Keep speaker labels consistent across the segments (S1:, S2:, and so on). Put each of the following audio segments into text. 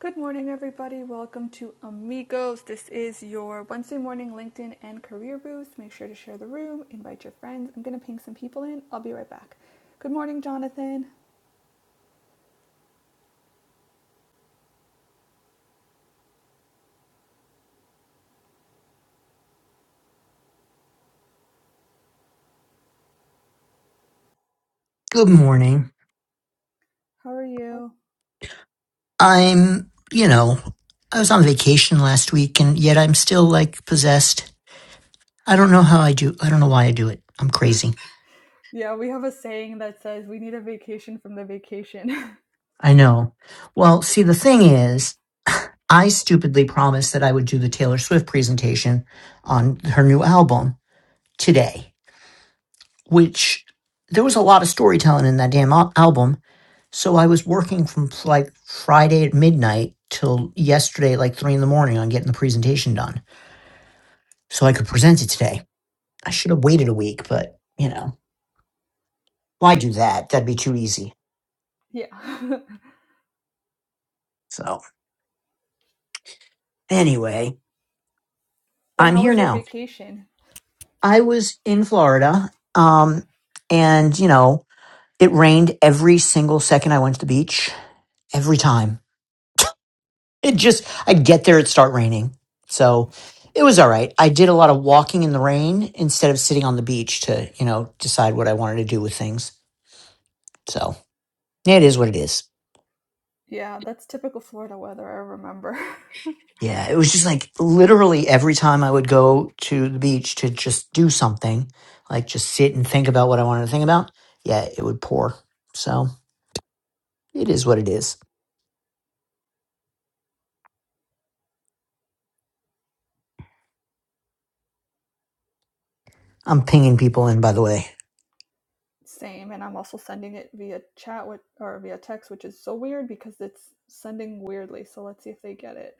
S1: Good morning, everybody. Welcome to Amigos. This is your Wednesday morning LinkedIn and career boost. Make sure to share the room, invite your friends. I'm going to ping some people in. I'll be right back. Good morning, Jonathan.
S2: Good morning.
S1: How are you?
S2: I'm, you know, I was on vacation last week and yet I'm still like possessed. I don't know how I do. I don't know why I do it. I'm crazy.
S1: Yeah, we have a saying that says we need a vacation from the vacation.
S2: I know. Well, see, the thing is, I stupidly promised that I would do the Taylor Swift presentation on her new album today, which there was a lot of storytelling in that damn al- album. So I was working from like Friday at midnight till yesterday, like three in the morning, on getting the presentation done so I could present it today. I should have waited a week, but you know, why do that? That'd be too easy.
S1: yeah.
S2: So anyway,
S1: but
S2: I'm
S1: how
S2: here
S1: was your
S2: now.
S1: vacation?
S2: I was in Florida, um, and you know, it rained every single second I went to the beach. Every time, it just I'd get there, it'd start raining. So it was all right. I did a lot of walking in the rain instead of sitting on the beach to you know decide what I wanted to do with things. So yeah, it is what it is.
S1: Yeah, that's typical Florida weather, I remember.
S2: Yeah, it was just like literally every time I would go to the beach to just do something, like just sit and think about what I wanted to think about, yeah, it would pour. So it is what it is. I'm pinging people in, by the way.
S1: Same, and I'm also sending it via chat with, or via text, which is so weird because it's sending weirdly. So let's see if they get it.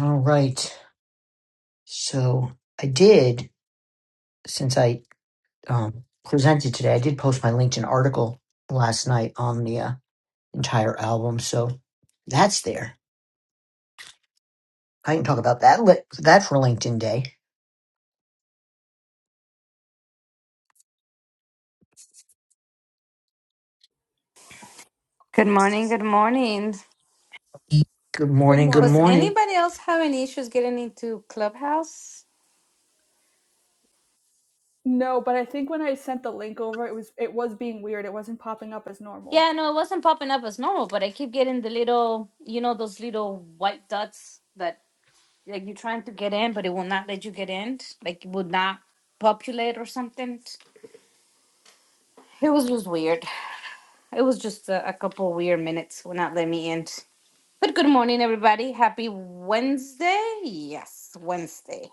S2: All right. So I did, since I um, presented today, I did post my LinkedIn article last night on the uh, entire album. So that's there. I can talk about that, li- that for LinkedIn Day.
S3: Good morning. Good morning.
S2: Good
S1: Good
S2: morning. Good
S3: Was
S1: morning.
S2: morning.
S3: anybody else having issues getting into Clubhouse?
S1: No, but I think when I sent the link over, it was it was being weird. It wasn't popping up as normal.
S3: Yeah, no, it wasn't popping up as normal, but I keep getting the little, you know, those little white dots that like you're trying to get in, but it will not let you get in. Like it would not populate or something. It was just weird. It was just a, a couple weird minutes would not let me in. But good morning, everybody. Happy Wednesday. Yes, Wednesday.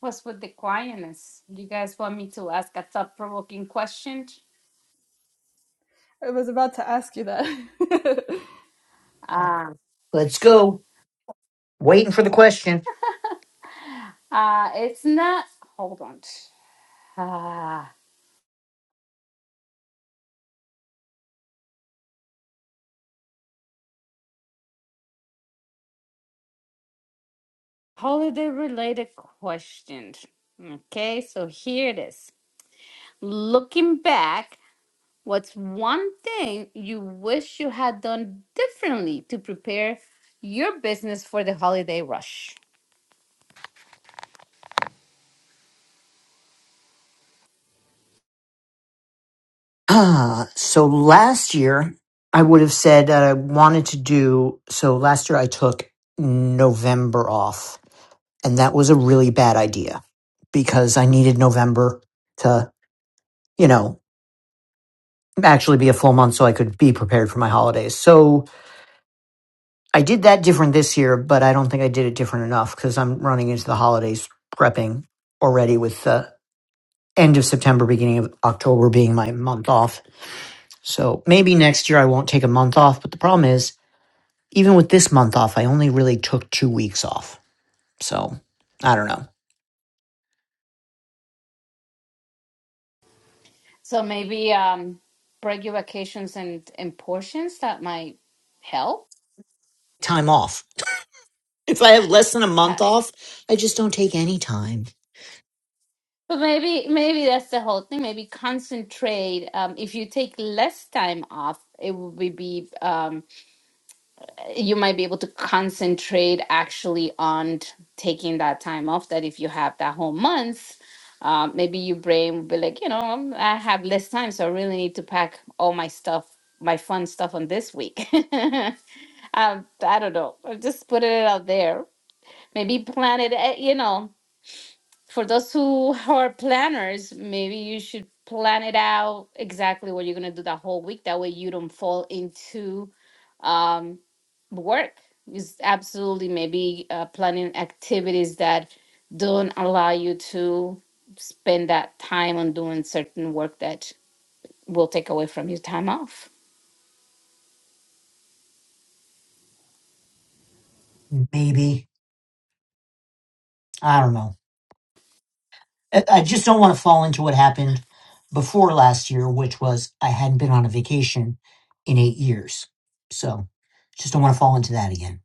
S3: What's with the quietness? You guys want me to ask a thought provoking question?
S1: I was about to ask you that.
S3: Uh,
S2: Let's go. Waiting for the question.
S3: uh, it's not, hold on. Uh, holiday related question. Okay, so here it is. Looking back, what's one thing you wish you had done differently to prepare your business for the holiday rush?
S2: Ah, so last year I would have said that I wanted to do. So last year I took November off, and that was a really bad idea because I needed November to, you know, actually be a full month so I could be prepared for my holidays. So I did that different this year, but I don't think I did it different enough because I'm running into the holidays prepping already with the end of September, beginning of October being my month off So maybe next year I won't take a month off, but the problem is, even with this month off, I only really took two weeks off. So I don't know.
S3: So maybe um, break your vacations and, and portions that might help.
S2: Time off. If I have less than a
S3: Uh,
S2: month off, I just don't take any time.
S3: But maybe maybe that's the whole thing. Maybe concentrate. Um, if you take less time off, it will be be, um, you might be able to concentrate actually on t- taking that time off. That if you have that whole month, um, maybe your brain will be like, you know, um, I have less time, so I really need to pack all my stuff, my fun stuff on this week. um, I don't know. I'll just put it out there. Maybe plan it. eh, You know, for those who are planners, maybe you should plan it out exactly what you're gonna do the whole week. That way you don't fall into um, work. It's absolutely maybe uh, planning activities that don't allow you to spend that time on doing certain work that will take away from your time off.
S2: Maybe. I don't know. I I just don't want to fall into what happened before last year, which was I hadn't been on a vacation in eight years. So just don't want to fall into that again.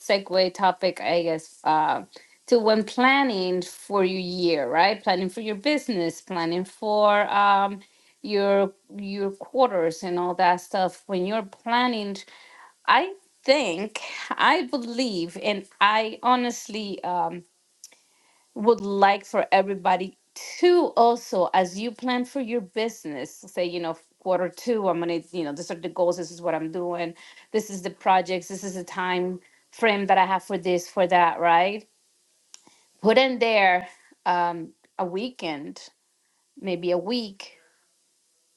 S3: segue topic, I guess, uh, to when planning for your year, right? Planning for your business, planning for um, your your quarters and all that stuff. When you're planning, I think, I believe, and I honestly. Um, would like for everybody to also, as you plan for your business, say, you know, quarter two, I'm gonna, you know, these are the goals, this is what I'm doing, this is the projects, this is the time frame that I have for this, for that, right? Put in there um, a weekend, maybe a week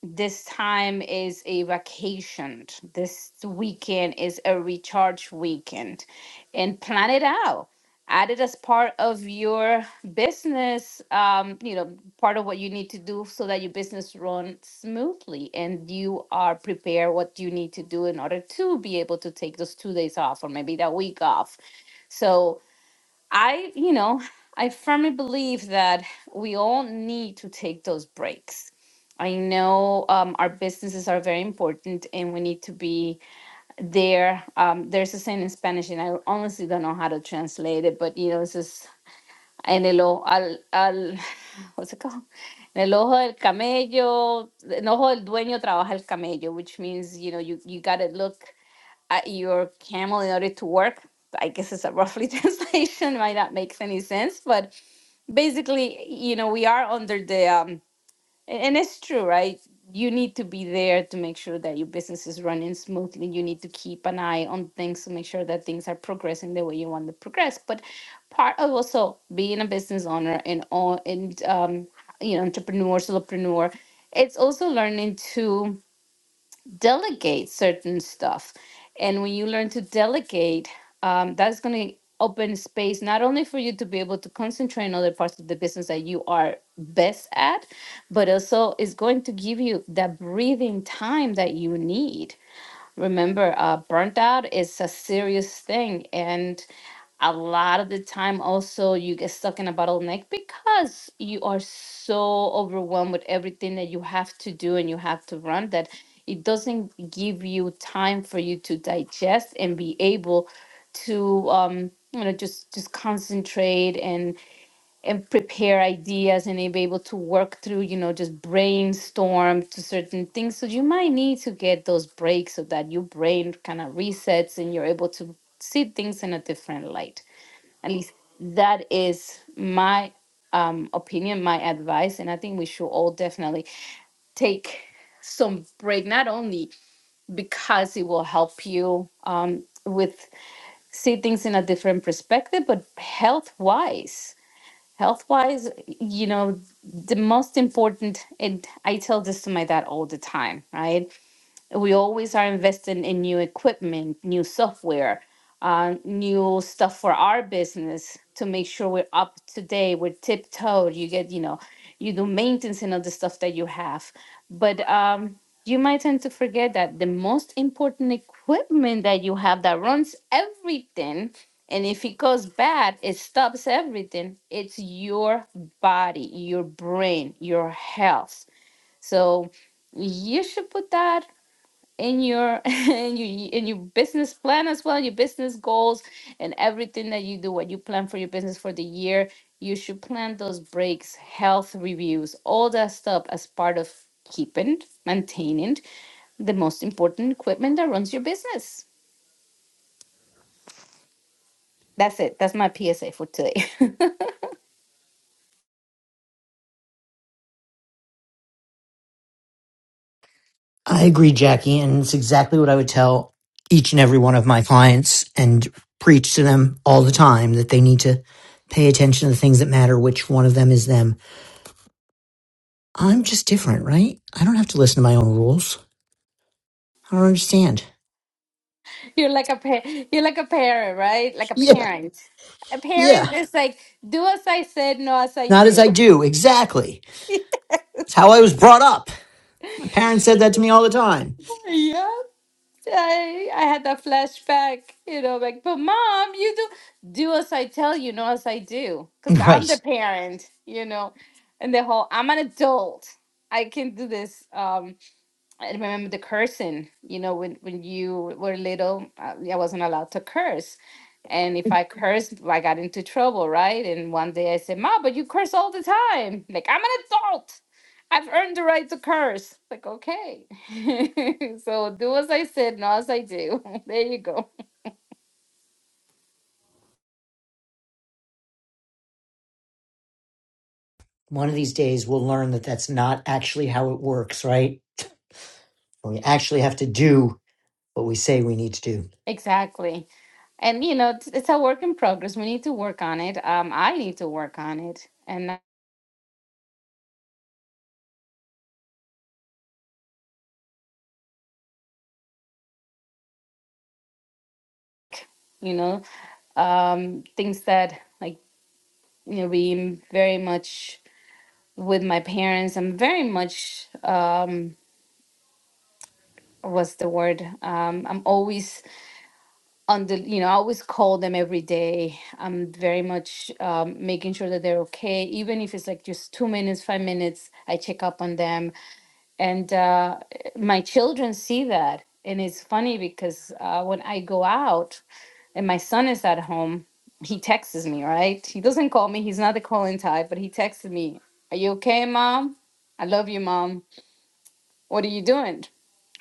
S3: this time is a vacation. This weekend is a recharge weekend. And plan it out. Add it as part of your business, um, you know, part of what you need to do so that your business runs smoothly and you are prepared what you need to do in order to be able to take those two days off or maybe that week off. So I, you know, I firmly believe that we all need to take those breaks. I know um, our businesses are very important and we need to be there. Um, there's a saying in Spanish, and I honestly don't know how to translate it, but you know, it's just en el ojo, al, al, what's it called? En el ojo del camello, en el ojo del dueño trabaja el camello, which means, you know, you, you got to look uh, your camel in order to work. I guess it's a roughly translation, might not make any sense, but basically, you know, we are under the, um, and it's true, right? You need to be there to make sure that your business is running smoothly. You need to keep an eye on things to make sure that things are progressing the way you want to progress. But part of also being a business owner and all, and um, you know, entrepreneur, solopreneur, it's also learning to delegate certain stuff. And when you learn to delegate, um, that's going to open space not only for you to be able to concentrate on other parts of the business that you are best at, but also is going to give you that breathing time that you need. Remember, uh, burnt out is a serious thing. And a lot of the time also you get stuck in a bottleneck because you are so overwhelmed with everything that you have to do and you have to run that it doesn't give you time for you to digest and be able to um you know just just concentrate and and prepare ideas and be able to work through you know just brainstorm to certain things so you might need to get those breaks so that your brain kind of resets and you're able to see things in a different light at least that is my um, opinion, my advice, and I think we should all definitely take some break. Not only because it will help you um, with see things in a different perspective, but health wise. Health wise, you know, the most important, and I tell this to my dad all the time, right? we always are investing in new equipment, new software, uh, new stuff for our business to make sure we're up to date, we're tiptoed. You get, you know, you do maintenance and other stuff that you have. But um, you might tend to forget that the most important equipment that you have that runs everything, and if it goes bad, it stops everything. It's your body, your brain, your health. So you should put that in your in your in your business plan as well, your business goals and everything that you do, what you plan for your business for the year, you should plan those breaks, health reviews, all that stuff as part of keeping, maintaining the most important equipment that runs your business. That's it. That's my PSA for today.
S2: I agree, Jackie, and it's exactly what I would tell each and every one of my clients and preach to them all the time that they need to pay attention to the things that matter, which one of them is them. I'm just different, right? I don't have to listen to my own rules. I don't understand.
S3: you're like a pa- you're like a parent, right? Like a
S2: Yeah,
S3: parent. A
S2: yeah.
S3: parent is like, do as I said, no as I
S2: Not as
S3: do.
S2: I do, exactly. It's how I was brought up. My parents said that to me all the time.
S3: Yeah. I, I had that flashback, you know, like, but mom, you do do as I tell you, not as I do, because I'm the
S2: Right.
S3: parent, you know, and the whole I'm an adult. I can do this. Um, I remember the cursing, you know, when, when you were little, uh, I wasn't allowed to curse. And if I cursed, I got into trouble, right? And one day I said, Ma, but you curse all the time. Like, I'm an adult. I've earned the right to curse. Like, okay. so do as I said, not as I do. there you go.
S2: One of these days we'll learn that that's not actually how it works, right? We actually have to do what we say we need to do.
S3: Exactly. And, you know, it's, it's a work in progress. We need to work on it. Um, I need to work on it. And, you know, um, things that like you know, being very much with my parents. I'm very much um what's the word? Um I'm always on the you know, I always call them every day. I'm very much um making sure that they're okay. Even if it's like just two minutes, five minutes, I check up on them. And uh my children see that. And it's funny because uh when I go out and my son is at home, he texts me, right? He doesn't call me. He's not the calling type, but he texted me, Are you okay, mom? I love you, mom. What are you doing?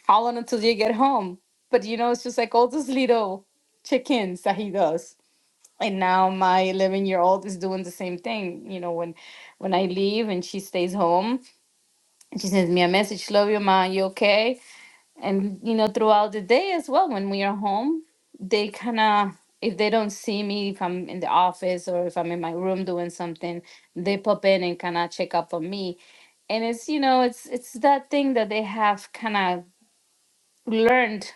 S3: How long until you get home? But you know, it's just like all those little chickens that he does. And now my 11 year old is doing the same thing. You know, when when I leave and she stays home, and she sends me a message, Love you, mom. You okay? and you know throughout the day as well when we are home they kind of if they don't see me if i'm in the office or if i'm in my room doing something they pop in and kind of check up on me and it's you know it's it's that thing that they have kind of learned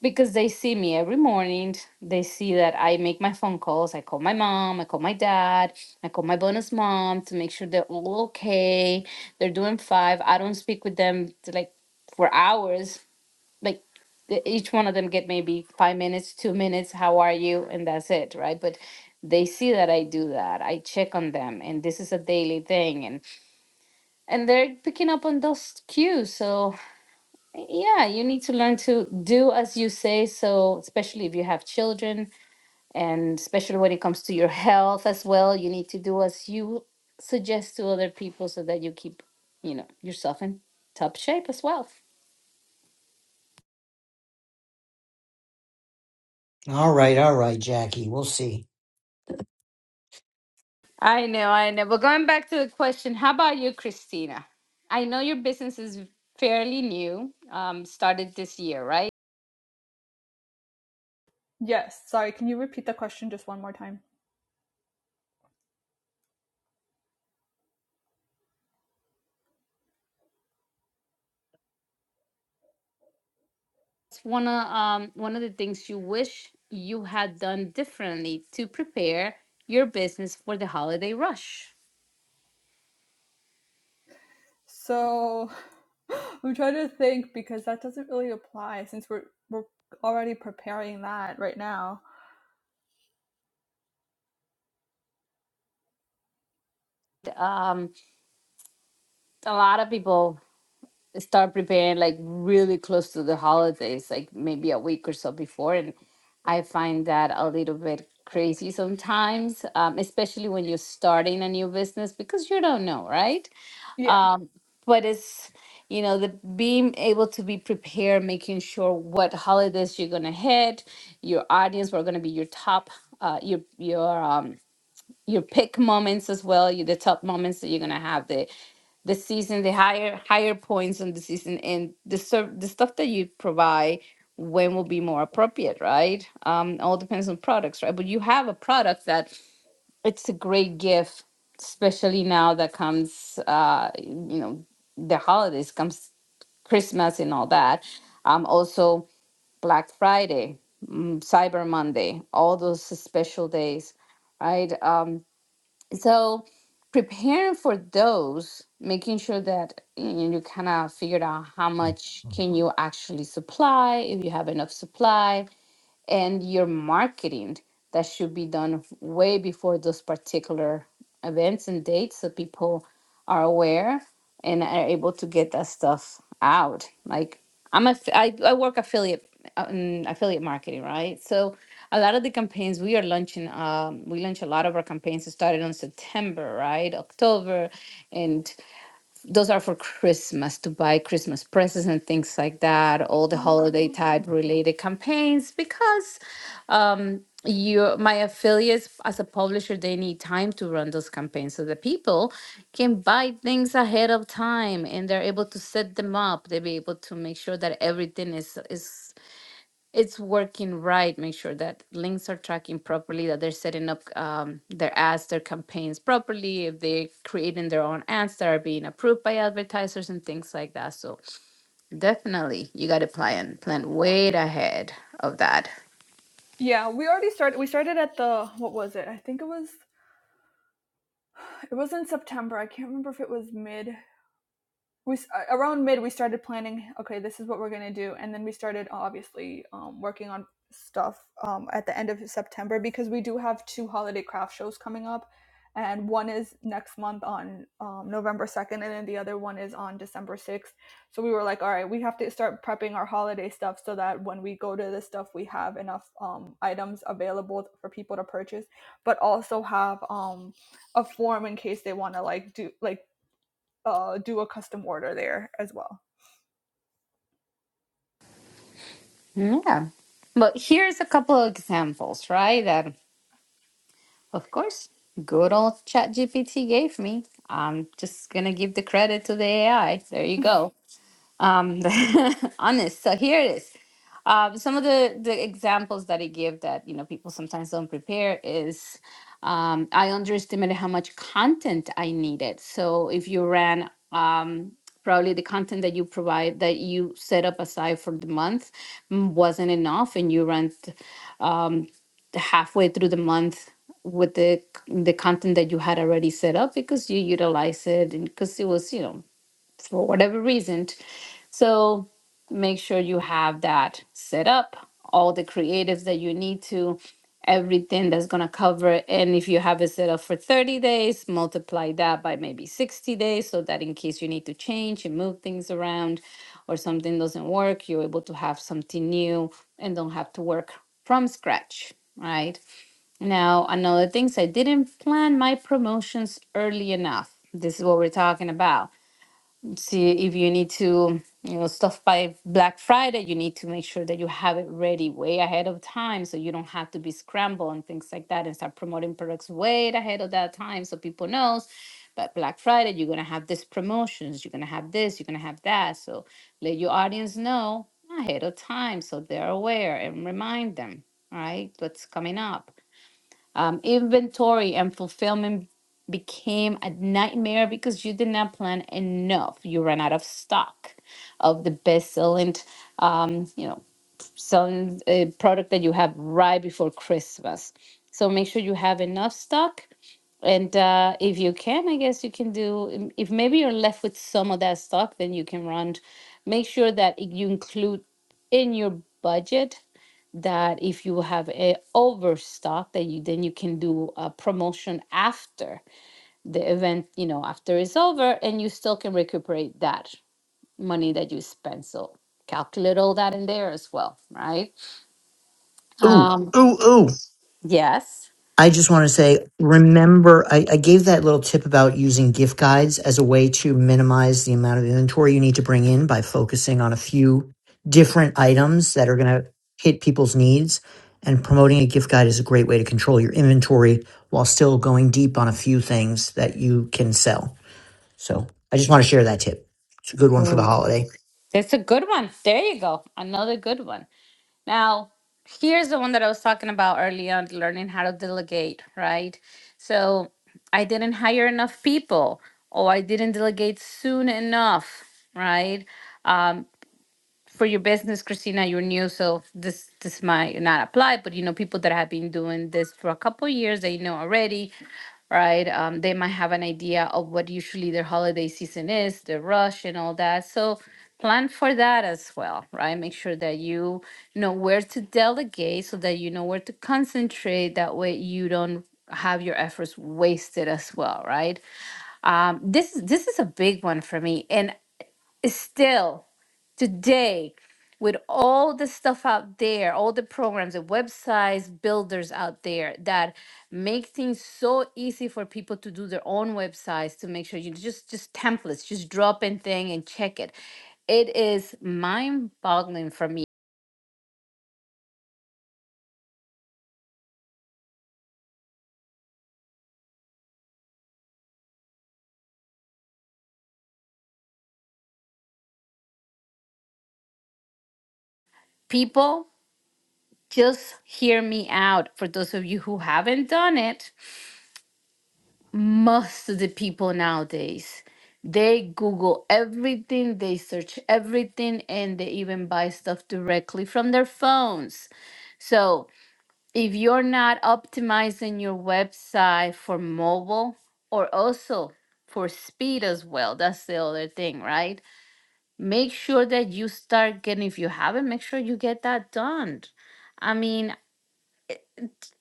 S3: because they see me every morning they see that i make my phone calls i call my mom i call my dad i call my bonus mom to make sure they're all okay they're doing five i don't speak with them to like for hours like the- each one of them get maybe five minutes two minutes how are you and that's it right but they see that i do that i check on them and this is a daily thing and and they're picking up on those cues so yeah you need to learn to do as you say so especially if you have children and especially when it comes to your health as well you need to do as you suggest to other people so that you keep you know yourself in top shape as well
S2: All right, all right, Jackie. We'll see.
S3: I know, I know. But going back to the question, how about you, Christina? I know your business is fairly new, um, started this year, right?
S1: yes, sorry. Can you repeat the question just one more time?
S3: What's one of um one of the things you wish you had done differently to prepare your business for the holiday rush?
S1: So, I'm trying to think because that doesn't really apply since we're we're already preparing that right now.
S3: Um, a lot of people start preparing like really close to the holidays, like maybe a week or so before. And I find that a little bit crazy sometimes, um, especially when you're starting a new business because you don't know, right?
S1: Yeah.
S3: Um, but it's, you know, the being able to be prepared, making sure what holidays you're gonna hit, your audience, what are gonna be your top, uh, your your um, your pick moments as well, your the top moments that you're gonna have the the season, the higher higher points on the season, and the ser- the stuff that you provide when will be more appropriate, right? Um, all depends on products, right? But you have a product that it's a great gift, especially now that comes, uh, you know, the holidays comes Christmas and all that. Um, also Black Friday, mm, Cyber Monday, all those special days, right? Um, so preparing for those, making sure that you, know, you kind of figured out how much can you actually supply, if you have enough supply, and your marketing that should be done way before those particular events and dates so people are aware and are able to get that stuff out like i'm a i, I work affiliate um, affiliate marketing right so a lot of the campaigns we are launching um, we launch a lot of our campaigns It started on september right october and those are for Christmas to buy Christmas presents and things like that, all the holiday type related campaigns because um, you my affiliates as a publisher they need time to run those campaigns so the people can buy things ahead of time and they're able to set them up. They'll be able to make sure that everything is is it's working right. Make sure that links are tracking properly, that they're setting up um, their ads, their campaigns properly, if they're creating their own ads that are being approved by advertisers and things like that. So definitely, you got to plan plan way ahead of that.
S1: Yeah, we already started we started at the what was it? I think it was it was in September. I can't remember if it was mid we uh, around mid we started planning okay this is what we're going to do and then we started obviously um, working on stuff um, at the end of september because we do have two holiday craft shows coming up and one is next month on um, november 2nd and then the other one is on december 6th so we were like all right we have to start prepping our holiday stuff so that when we go to this stuff we have enough um, items available for people to purchase but also have um, a form in case they want to like do like uh, do a custom order there as well.
S3: Yeah. But here's a couple of examples, right? That of course, good old ChatGPT gave me. I'm just gonna give the credit to the AI. There you go. um, honest. So here it is. Um, some of the, the examples that he gave that you know people sometimes don't prepare is um, I underestimated how much content I needed. So if you ran um, probably the content that you provide that you set up aside for the month mm, wasn't enough, and you ran th- um, halfway through the month with the the content that you had already set up because you utilized it and because it was you know for whatever reason so make sure you have that set up, all the creatives that you need to, everything that's going to cover. it. And if you have it set up for 30 days, multiply that by maybe 60 days so that in case you need to change and move things around or something doesn't work, you're able to have something new and don't have to work from scratch. Right now, another thing is I didn't plan my promotions early enough. This is what we're talking about see if you need to you know stuff by black friday you need to make sure that you have it ready way ahead of time so you don't have to be scrambled and things like that and start promoting products way ahead of that time so people knows but black friday you're going to have this promotions you're going to have this you're going to have that so let your audience know ahead of time so they're aware and remind them all right what's coming up um, inventory and fulfillment became a nightmare because you did not plan enough. You ran out of stock of the best-selling, um, you know, selling uh, product that you have right before Christmas. So make sure you have enough stock and uh, if you can, I guess you can do, um, if maybe you're left with some of that stock, then you can run. Make sure that i- you include in your budget that if you have a overstock, that you then you can do a promotion after the event, you know, after it's over, and you still can recuperate that money that you spent. So calculate all that in there as well, right?
S2: Ooh,
S3: Um,
S2: ooh, ooh.
S3: yes,
S2: I just want to say, remember, I, I gave that little tip about using gift guides as a way to minimize the amount of inventory you need to bring in by focusing on a few different items that are going to hit people's needs. And promoting a gift guide is a great way to control your inventory while still going deep on a few things that you can sell. So I just want to share that tip. It's a good one for the
S3: Mm.
S2: holiday.
S3: that's a good one. There you go. Another good one. Now, here's the one that I was talking about earlier on learning how to delegate, right? So I didn't hire enough people, or I didn't delegate soon enough, right? Um, for your business, Christina, you're new, so this this might not apply. But you know, people that have been doing this for a couple years, they know already right? Um, they might have an idea of what usually their holiday season is, the rush and all that. So plan for that as well, right? Make sure that you know where to delegate so that you know where to concentrate. That way you don't have your efforts wasted as well, right? Um, this this is a big one for me, and still today with all the stuff out there all the programs the websites builders out there that make things so easy for people to do their own websites to make sure you just just templates just drop in thing and check it it is mind boggling for me people just hear me out for those of you who haven't done it most of the people nowadays they google everything they search everything and they even buy stuff directly from their phones so if you're not optimizing your website for mobile or also for speed as well that's the other thing right make sure that you start getting if you haven't make sure you get that done i mean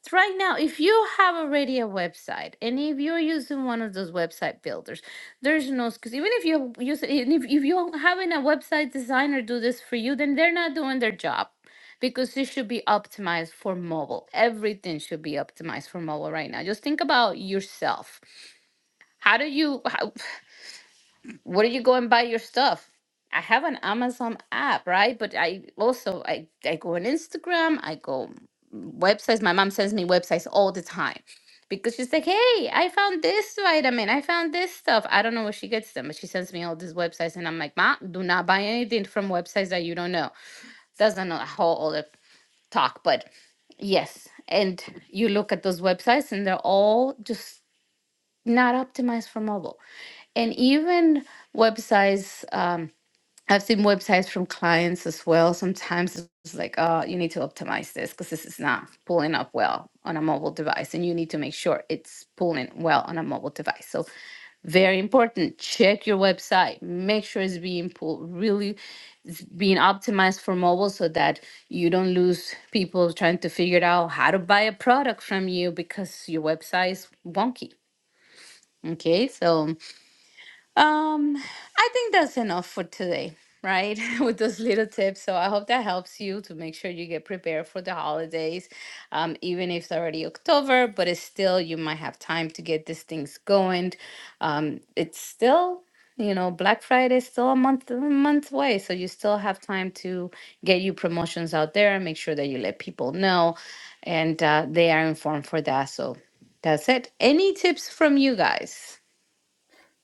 S3: so right now, if you have already a website and if you're using one of those website builders, there's no excuse. Even if you use, even if, if you're having a website designer do this for you, then they're not doing their job because it should be optimized for mobile. Everything should be optimized for mobile right now. Just think about yourself. How do you? how, where do you go and buy your stuff? I have an Amazon app, right? But I also I, I go on Instagram, I go websites. My mom sends me websites all the time because she's like, "Hey, I found this vitamin. I found this stuff." I don't know where she gets them, but she sends me all these websites, and I'm like, "Ma, do not buy anything from websites that you don't know." That's an- a whole other talk, but yes. And you look at those websites, and they're all just not optimized for mobile, and even websites. Um, I've seen websites from clients as well. Sometimes it's like, oh, you need to optimize this because this is not pulling up well on a mobile device, and you need to make sure it's pulling well on a mobile device. So, very important. Check your website. Make sure it's being pulled really, it's being optimized for mobile so that you don't lose people trying to figure out how to buy a product from you because your website is wonky. Okay, so um, I think that's enough for today, right? With those little tips. So I hope that helps you to make sure you get prepared for the holidays. Um, even if it's already October, but it's still you might have time to get these things going. Um, it's still you know Black Friday is still a month a month away, so you still have time to get your promotions out there and make sure that you let people know, and uh, they are informed for that. So that's it. Any tips from you guys?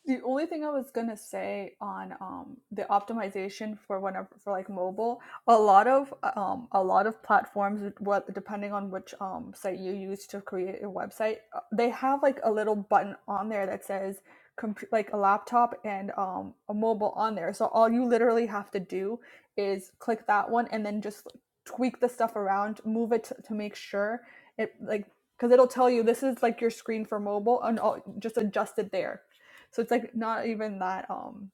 S1: the only thing I was gonna say on um, the optimization for whenever for like mobile, a lot of um, a lot of platforms, what depending on which um, site you use to create your website, uh, they have like a little button on there that says comp- like a laptop and um, a mobile on there. So all you literally have to do is click that one and then just like, tweak the stuff around, move it to, to make sure it like because it'll tell you this is like your screen for mobile and all, just adjust it there so it's like not even that um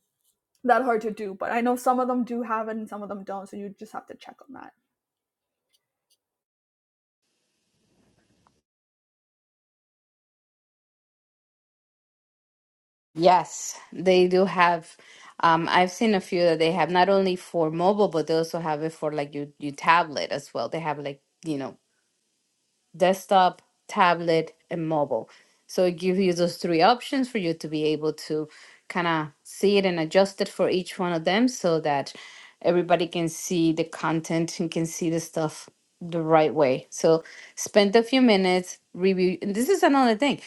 S1: that hard to do, but I know some of them do have it and some of them don't, so you just have to check on that.
S3: Yes, they do have. Um, I've seen a few that they have not only for mobile, but they also have it for like your, your tablet as well. They have like, you know, desktop, tablet, and mobile. So it gives you those three options for you to be able to kind of see it and adjust it for each one of them so that everybody can see the content and can see the stuff the right way. So spend a few minutes, review. And this is another thing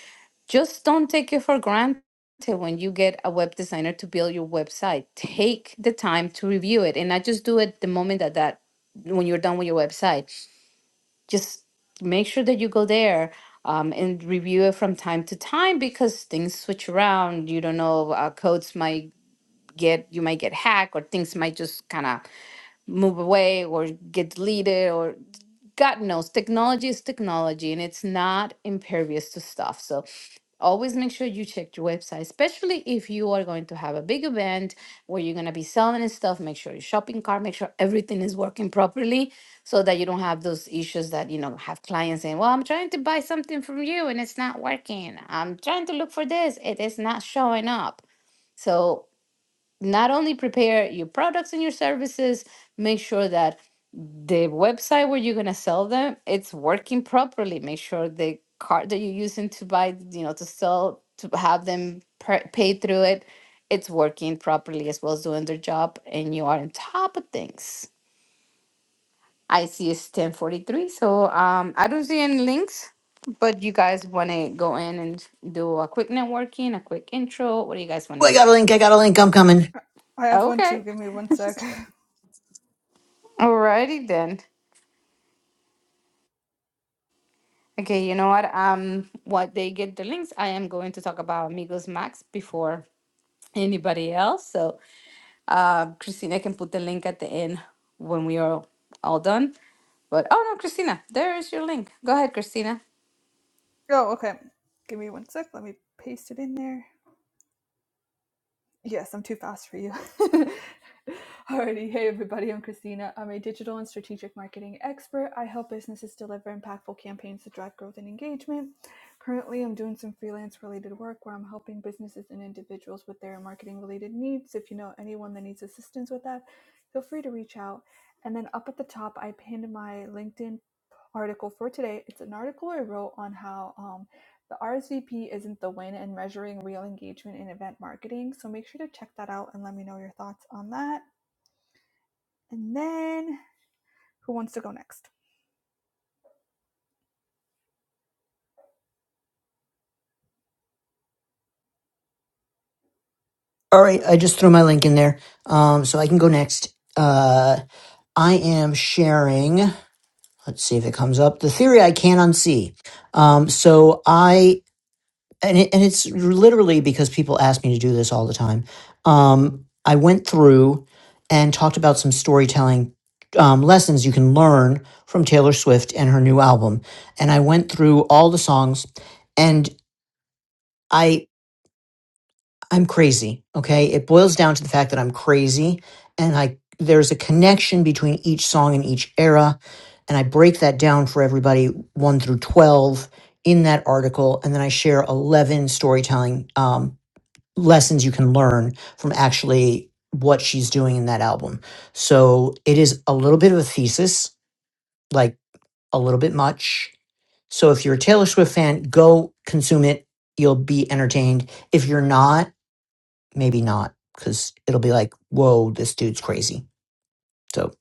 S3: just don't take it for granted when you get a web designer to build your website take the time to review it and not just do it the moment that that when you're done with your website just make sure that you go there um, and review it from time to time because things switch around you don't know uh, codes might get you might get hacked or things might just kind of move away or get deleted or god knows technology is technology and it's not impervious to stuff so Always make sure you check your website, especially if you are going to have a big event where you're going to be selling and stuff. Make sure your shopping cart, make sure everything is working properly so that you don't have those issues that, you know, have clients saying, Well, I'm trying to buy something from you and it's not working. I'm trying to look for this, it is not showing up. So not only prepare your products and your services, make sure that the website where you're going to sell them it's working properly. Make sure the card that you're using to buy, you know, to sell to have them pay through it, it's working properly as well as doing their job, and you are on top of things. I see it's ten forty three, so um, I don't see any links. But you guys want to go in and do a quick networking, a quick intro. What do you guys want to
S2: Oh, I got
S3: do?
S2: a link. I got a link. I'm coming.
S1: I have one too.
S3: Okay.
S1: Give me one sec.
S3: Alrighty then. Okay, you know what? Um, what they get the links, I am going to talk about Amigos Max before anybody else. So, uh, Christina can put the link at the end when we are all done. But oh no, Christina, there is your link. Go ahead, Christina.
S1: Oh, okay. Give me one sec. Let me paste it in there. Yes, I'm too fast for you. Alrighty, hey everybody, I'm Christina. I'm a digital and strategic marketing expert. I help businesses deliver impactful campaigns to drive growth and engagement. Currently, I'm doing some freelance related work where I'm helping businesses and individuals with their marketing related needs. If you know anyone that needs assistance with that, feel free to reach out. And then up at the top, I pinned my LinkedIn article for today. It's an article I wrote on how um, the RSVP isn't the win in measuring real engagement in event marketing, so make sure to check that out and let me know your thoughts on that. And then, who wants to go next?
S2: All right,
S1: Who-
S2: I just threw my link in there, um, so I can go next. Uh, I am sharing. Let's see if it comes up. The theory I can't unsee. Um, so I and it, and it's literally because people ask me to do this all the time. Um, I went through and talked about some storytelling um, lessons you can learn from Taylor Swift and her new album, and I went through all the songs, and I. I'm crazy. Okay. It boils down to the fact that I'm crazy and I, there's a connection between each song and each era. And I break that down for everybody one through 12 in that article. And then I share 11 storytelling, um, lessons you can learn from actually what she's doing in that album. So it is a little bit of a thesis, like a little bit much. So if you're a Taylor Swift fan, go consume it. You'll be entertained. If you're not, maybe not because it'll be like, whoa, this dude's crazy. So,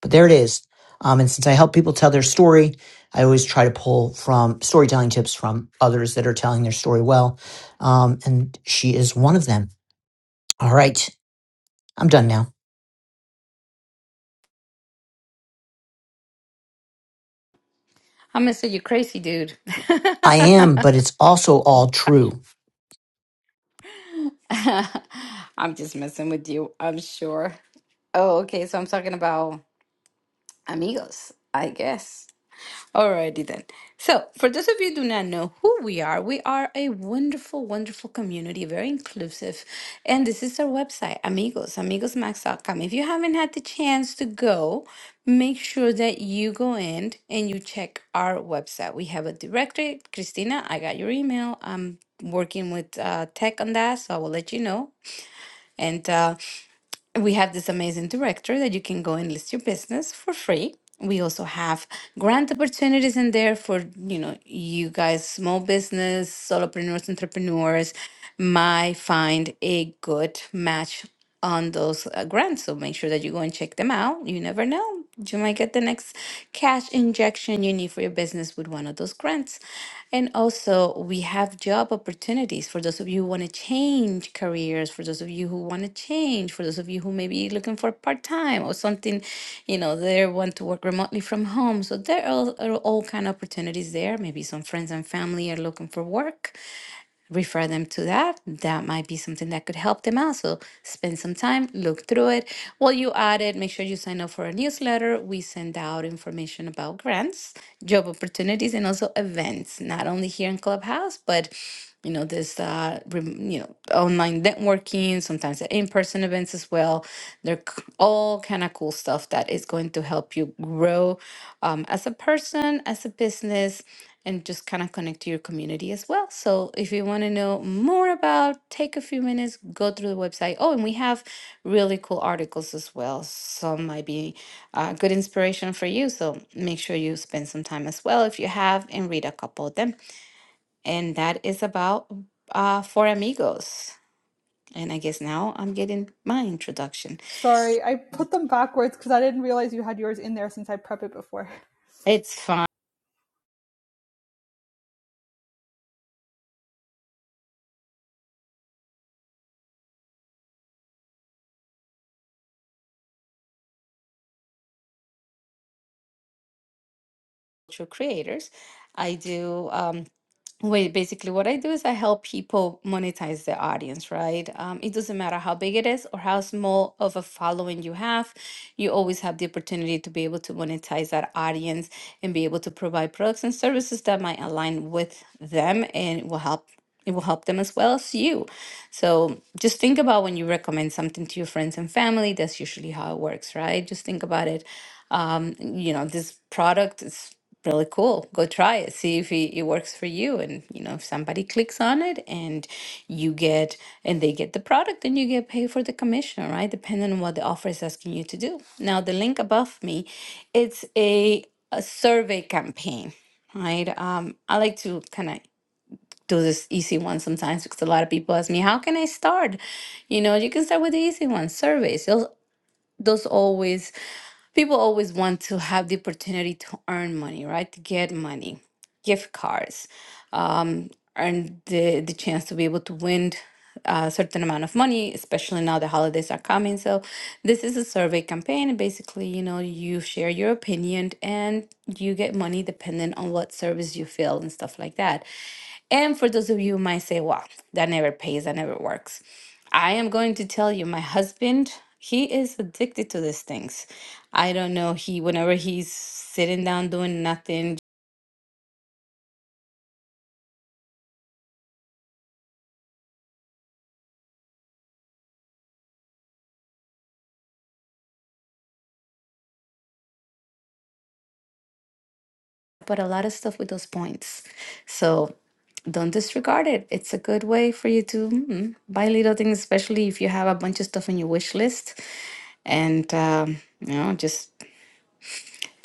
S2: but there it is. Um, and since I help people tell their story, I always try to pull from storytelling tips from others that are telling their story well. Um, and she is one of them. All right. I'm done now.
S3: I'm gonna say you crazy dude.
S2: I am, but it's also all true.
S3: I'm just messing with you, I'm sure. Oh, okay. So I'm talking about Amigos, I guess. Alrighty then. So, for those of you who do not know who we are, we are a wonderful, wonderful community, very inclusive. And this is our website, amigos, amigosmax.com. If you haven't had the chance to go, make sure that you go in and you check our website. We have a directory. Christina, I got your email. I'm working with uh, tech on that, so I will let you know. And uh, we have this amazing director that you can go and list your business for free. We also have grant opportunities in there for, you know, you guys, small business, solopreneurs, entrepreneurs might find a good match on those uh, grants. So make sure that you go and check them out. You never know. You might get the next cash injection you need for your business with one of those grants. And also, we have job opportunities for those of you who want to change careers, for those of you who want to change, for those of you who may be looking for part time or something, you know, they want to work remotely from home. So there are, are all kind of opportunities there. Maybe some friends and family are looking for work refer them to that. That might be something that could help them out. So spend some time, look through it. While you add it, make sure you sign up for a newsletter. We send out information about grants, job opportunities, and also events, not only here in Clubhouse, but you know, this uh, rem- you know, online networking, sometimes the in-person events as well. They're c- all kind of cool stuff that is going to help you grow um, as a person, as a business, and just kind of connect to your community as well. So if you want to know more about, take a few minutes, go through the website. Oh, and we have really cool articles as well. Some might be uh, good inspiration for you. So make sure you spend some time as well if you have and read a couple of them. And that is about uh, Four Amigos. And I guess now I'm getting my introduction.
S1: Sorry, I put them backwards because I didn't realize you had yours in there since I prepped it before.
S3: It's fun. Cultural creators. I do. Um, Wait, basically, what I do is I help people monetize their audience, right? Um, it doesn't matter how big it is or how small of a following you have, you always have the opportunity to be able to monetize that audience and be able to provide products and services that might align with them and it will help. It will help them as well as you. So just think about when you recommend something to your friends and family. That's usually how it works, right? Just think about it um, you know, this product is really cool. Go try it. See if it, it works for you. And, you know, if somebody clicks on it and you get, and they get the product, then you get paid for the commission, right? Depending on what the offer is asking you to do. Now, the link above me, it's a, a survey campaign, right? Um, I like to kind of do this easy one sometimes because a lot of people ask me, how can I start? You know, you can start with the easy one, surveys. Those, those always People always want to have the opportunity to earn money, right? To get money, gift cards, um, earn the, the chance to be able to win a certain amount of money, especially now the holidays are coming. So this is a survey campaign. Basically, you know, you share your opinion and you get money depending on what service you feel and stuff like that. And for those of you who might say, well, that never pays, that never works. I am going to tell you, my husband, he is addicted to these things. I don't know. He, whenever he's sitting down doing nothing, but a lot of stuff with those points. So don't disregard it. It's a good way for you to mm, buy little things, especially if you have a bunch of stuff on your wish list and, um, you know, just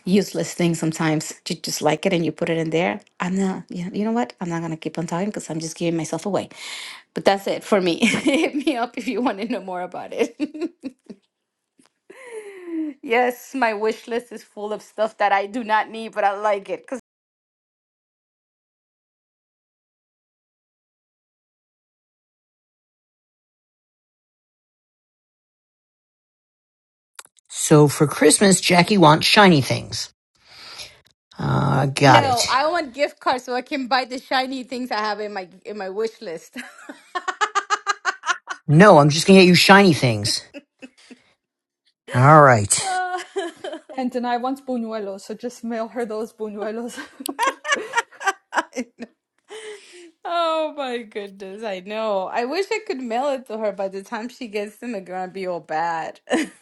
S3: useless things sometimes. You just like it and you put it in there. I'm not, you know, you know what? I'm not going to keep on talking because I'm just giving myself away. But that's it for me. Hit me up if you want to know more about it. Yes, my wish list is full of stuff that I do not need, but I like it. Cause
S2: So for Christmas, Jackie wants shiny things. Uh, got
S3: no,
S2: it.
S3: I want gift cards so I can buy the shiny things I have in my in my wish list.
S2: No, I'm just going to get you shiny things. All right.
S3: I
S1: And then I want buñuelos, so just mail her those buñuelos.
S3: know. Oh my goodness, I know. I wish I could mail it to her. By the time she gets them, it's gonna be all bad.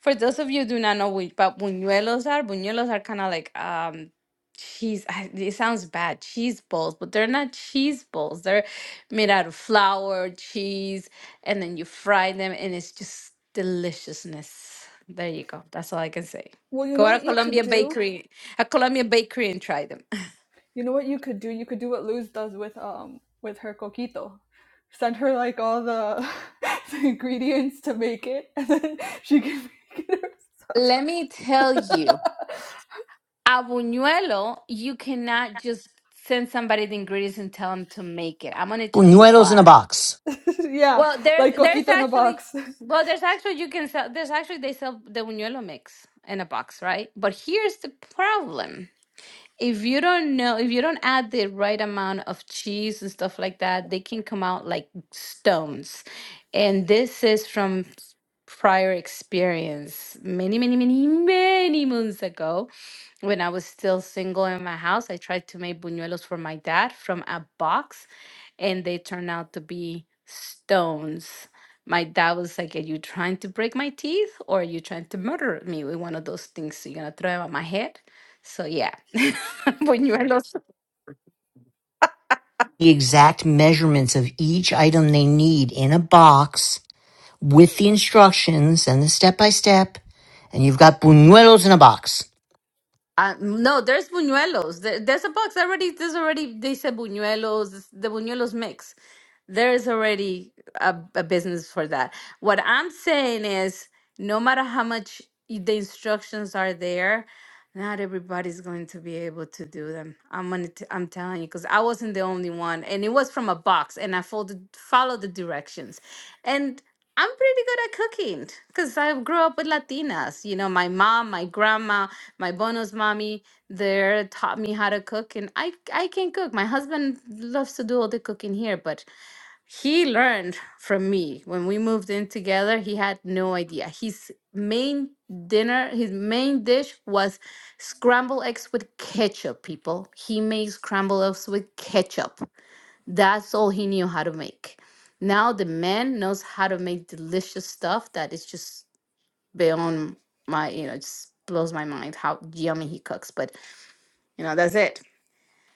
S3: For those of you who do not know what but buñuelos are, buñuelos are kind of like um cheese. I- It sounds bad, cheese balls, but they're not cheese balls. They're made out of flour, cheese, and then you fry them, and it's just deliciousness. There you go. That's all I can say.
S1: well, you know
S3: Go to
S1: what you could
S3: Colombia
S1: do?
S3: Bakery, a Colombia bakery, and try them.
S1: You know what you could do? You could do what Luz does with um with her coquito. Send her like all the, the ingredients to make it, and then she can make it.
S3: Let me tell you. A buñuelo, you cannot just send somebody the ingredients and tell them to make it. I'm gonna tell you
S2: Buñuelos in a
S3: why.
S2: box.
S1: herself. yeah,
S3: Well, there's
S1: like
S3: there's
S1: coquito in a
S3: actually
S1: box.
S3: well there's actually you can sell there's actually they sell the buñuelo mix in a box, right? But here's the problem. If you don't know, if you don't add the right amount of cheese and stuff like that, they can come out like stones. And this is from prior experience many, many, many, many moons ago when I was still single in my house, I tried to make buñuelos for my dad from a box, and they turned out to be stones. My dad was like, Are you trying to break my teeth or are you trying to murder me with one of those things? So you're going to throw them at my head? So, yeah, buñuelos
S2: the exact measurements of each item they need in a box with the instructions and the step by step. And you've got buñuelos in a box.
S3: Uh, no, there's buñuelos. There, there's a box already. There's already they said buñuelos, this- the buñuelos mix. There is already a, a business for that. What I'm saying is, no matter how much y- the instructions are there, not everybody's going to be able to do them. I'm gonna t- I'm telling you because I wasn't the only one, and it was from a box, and I followed followed the directions, and I'm pretty good at cooking because I grew up with Latinas. You know, my mom, my grandma, my bonos mommy, they taught me how to cook, and I I can cook. My husband loves to do all the cooking here, but he learned from me when we moved in together he had no idea his main dinner his main dish was scrambled eggs with ketchup people he made scrambled eggs with ketchup that's all he knew how to make now the man knows how to make delicious stuff that is just beyond my you know it just blows my mind how yummy he cooks but you know that's it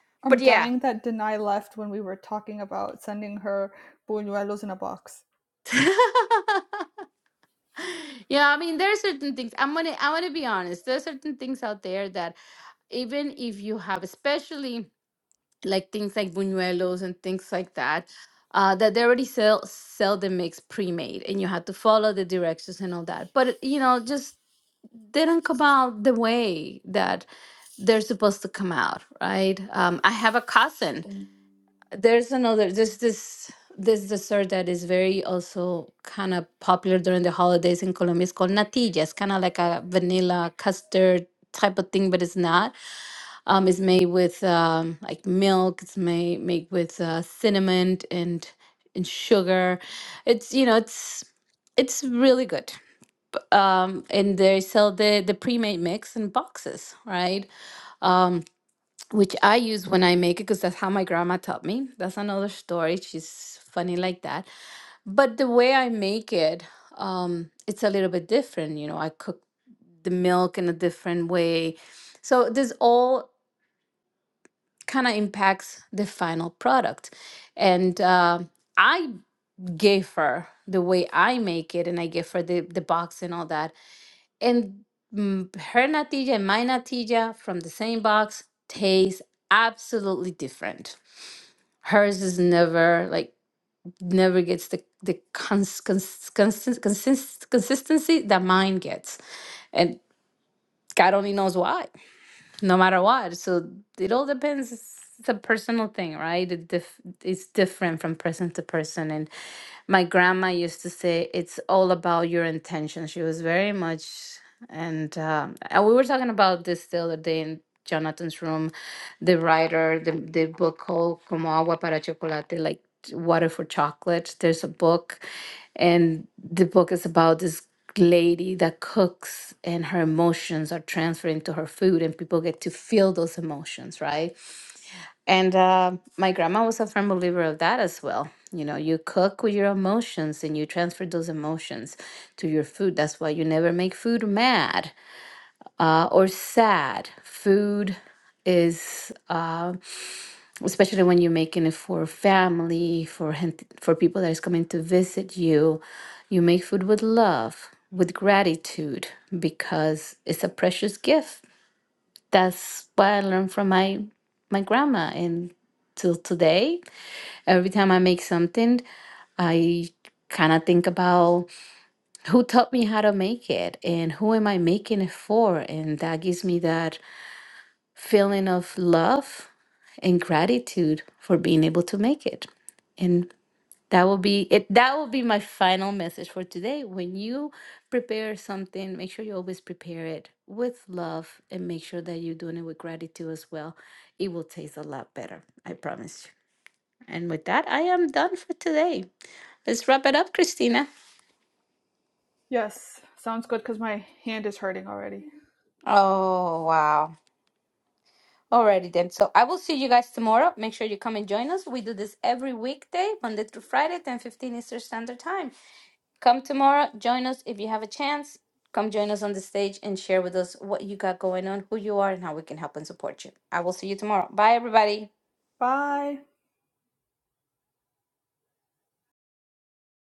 S1: I'm
S3: but yeah
S1: dying that Denai left when we were talking about sending her buñuelos in a box.
S3: Yeah, I mean, there are certain things. I'm gonna, I want to be honest. There are certain things out there that even if you have, especially like things like buñuelos and things like that, uh, that they already sell sell the mix pre-made, and you have to follow the directions and all that. But you know, just they don't come out the way that they're supposed to come out, right? Um, I have a cousin there's another there's this this dessert that is very also kind of popular during the holidays in Colombia. It's called natilla. It's kind of like a vanilla custard type of thing, but it's not. Um, it's made with um, like milk. It's made made with uh, cinnamon and and sugar. It's you know it's it's really good. Um, and they sell the the pre-made mix in boxes, right? Um, which I use when I make it because that's how my grandma taught me. That's another story. She's funny like that. But the way I make it, um, it's a little bit different. You know, I cook the milk in a different way. So this all kind of impacts the final product. And uh, I gave her the way I make it, and I gave her the, the box and all that. And mm, her natija and my natija from the same box taste absolutely different hers is never like never gets the the cons, cons, consist, consist, consistency that mine gets and god only knows why no matter what so it all depends it's a personal thing right it dif- it's different from person to person and my grandma used to say it's all about your intention she was very much and um, and we were talking about this the other day in jonathan's room the writer, the, the book called Como Agua para Chocolate, like water for chocolate. There's a book, and the book is about this lady that cooks, and her emotions are transferred into her food, and people get to feel those emotions, right? And uh, my grandma was a firm believer of that as well. You know, you cook with your emotions and you transfer those emotions to your food. That's why you never make food mad uh, or sad. Food is. Uh, especially when you're making it for family, for hen- for people that is coming to visit you, you make food with love, with gratitude, because it's a precious gift. That's what I learned from my my grandma, and till today, every time I make something, I kind of think about who taught me how to make it and who am I making it for, and that gives me that feeling of love and gratitude for being able to make it. And that will be it. That will be my final message for today. When you prepare something, make sure you always prepare it with love and make sure that you're doing it with gratitude as well. It will taste a lot better. I promise you. And with that, I am done for today. Let's wrap it up, Christina.
S1: Yes, sounds good because my hand is hurting already.
S3: Oh, wow. Alrighty then. So I will see you guys tomorrow. Make sure you come and join us. We do this every weekday, Monday through Friday, ten fifteen Eastern Standard Time. Come tomorrow, join us if you have a chance. Come join us on the stage and share with us what you got going on, who you are, and how we can help and support you. I will see you tomorrow. Bye, everybody.
S1: Bye.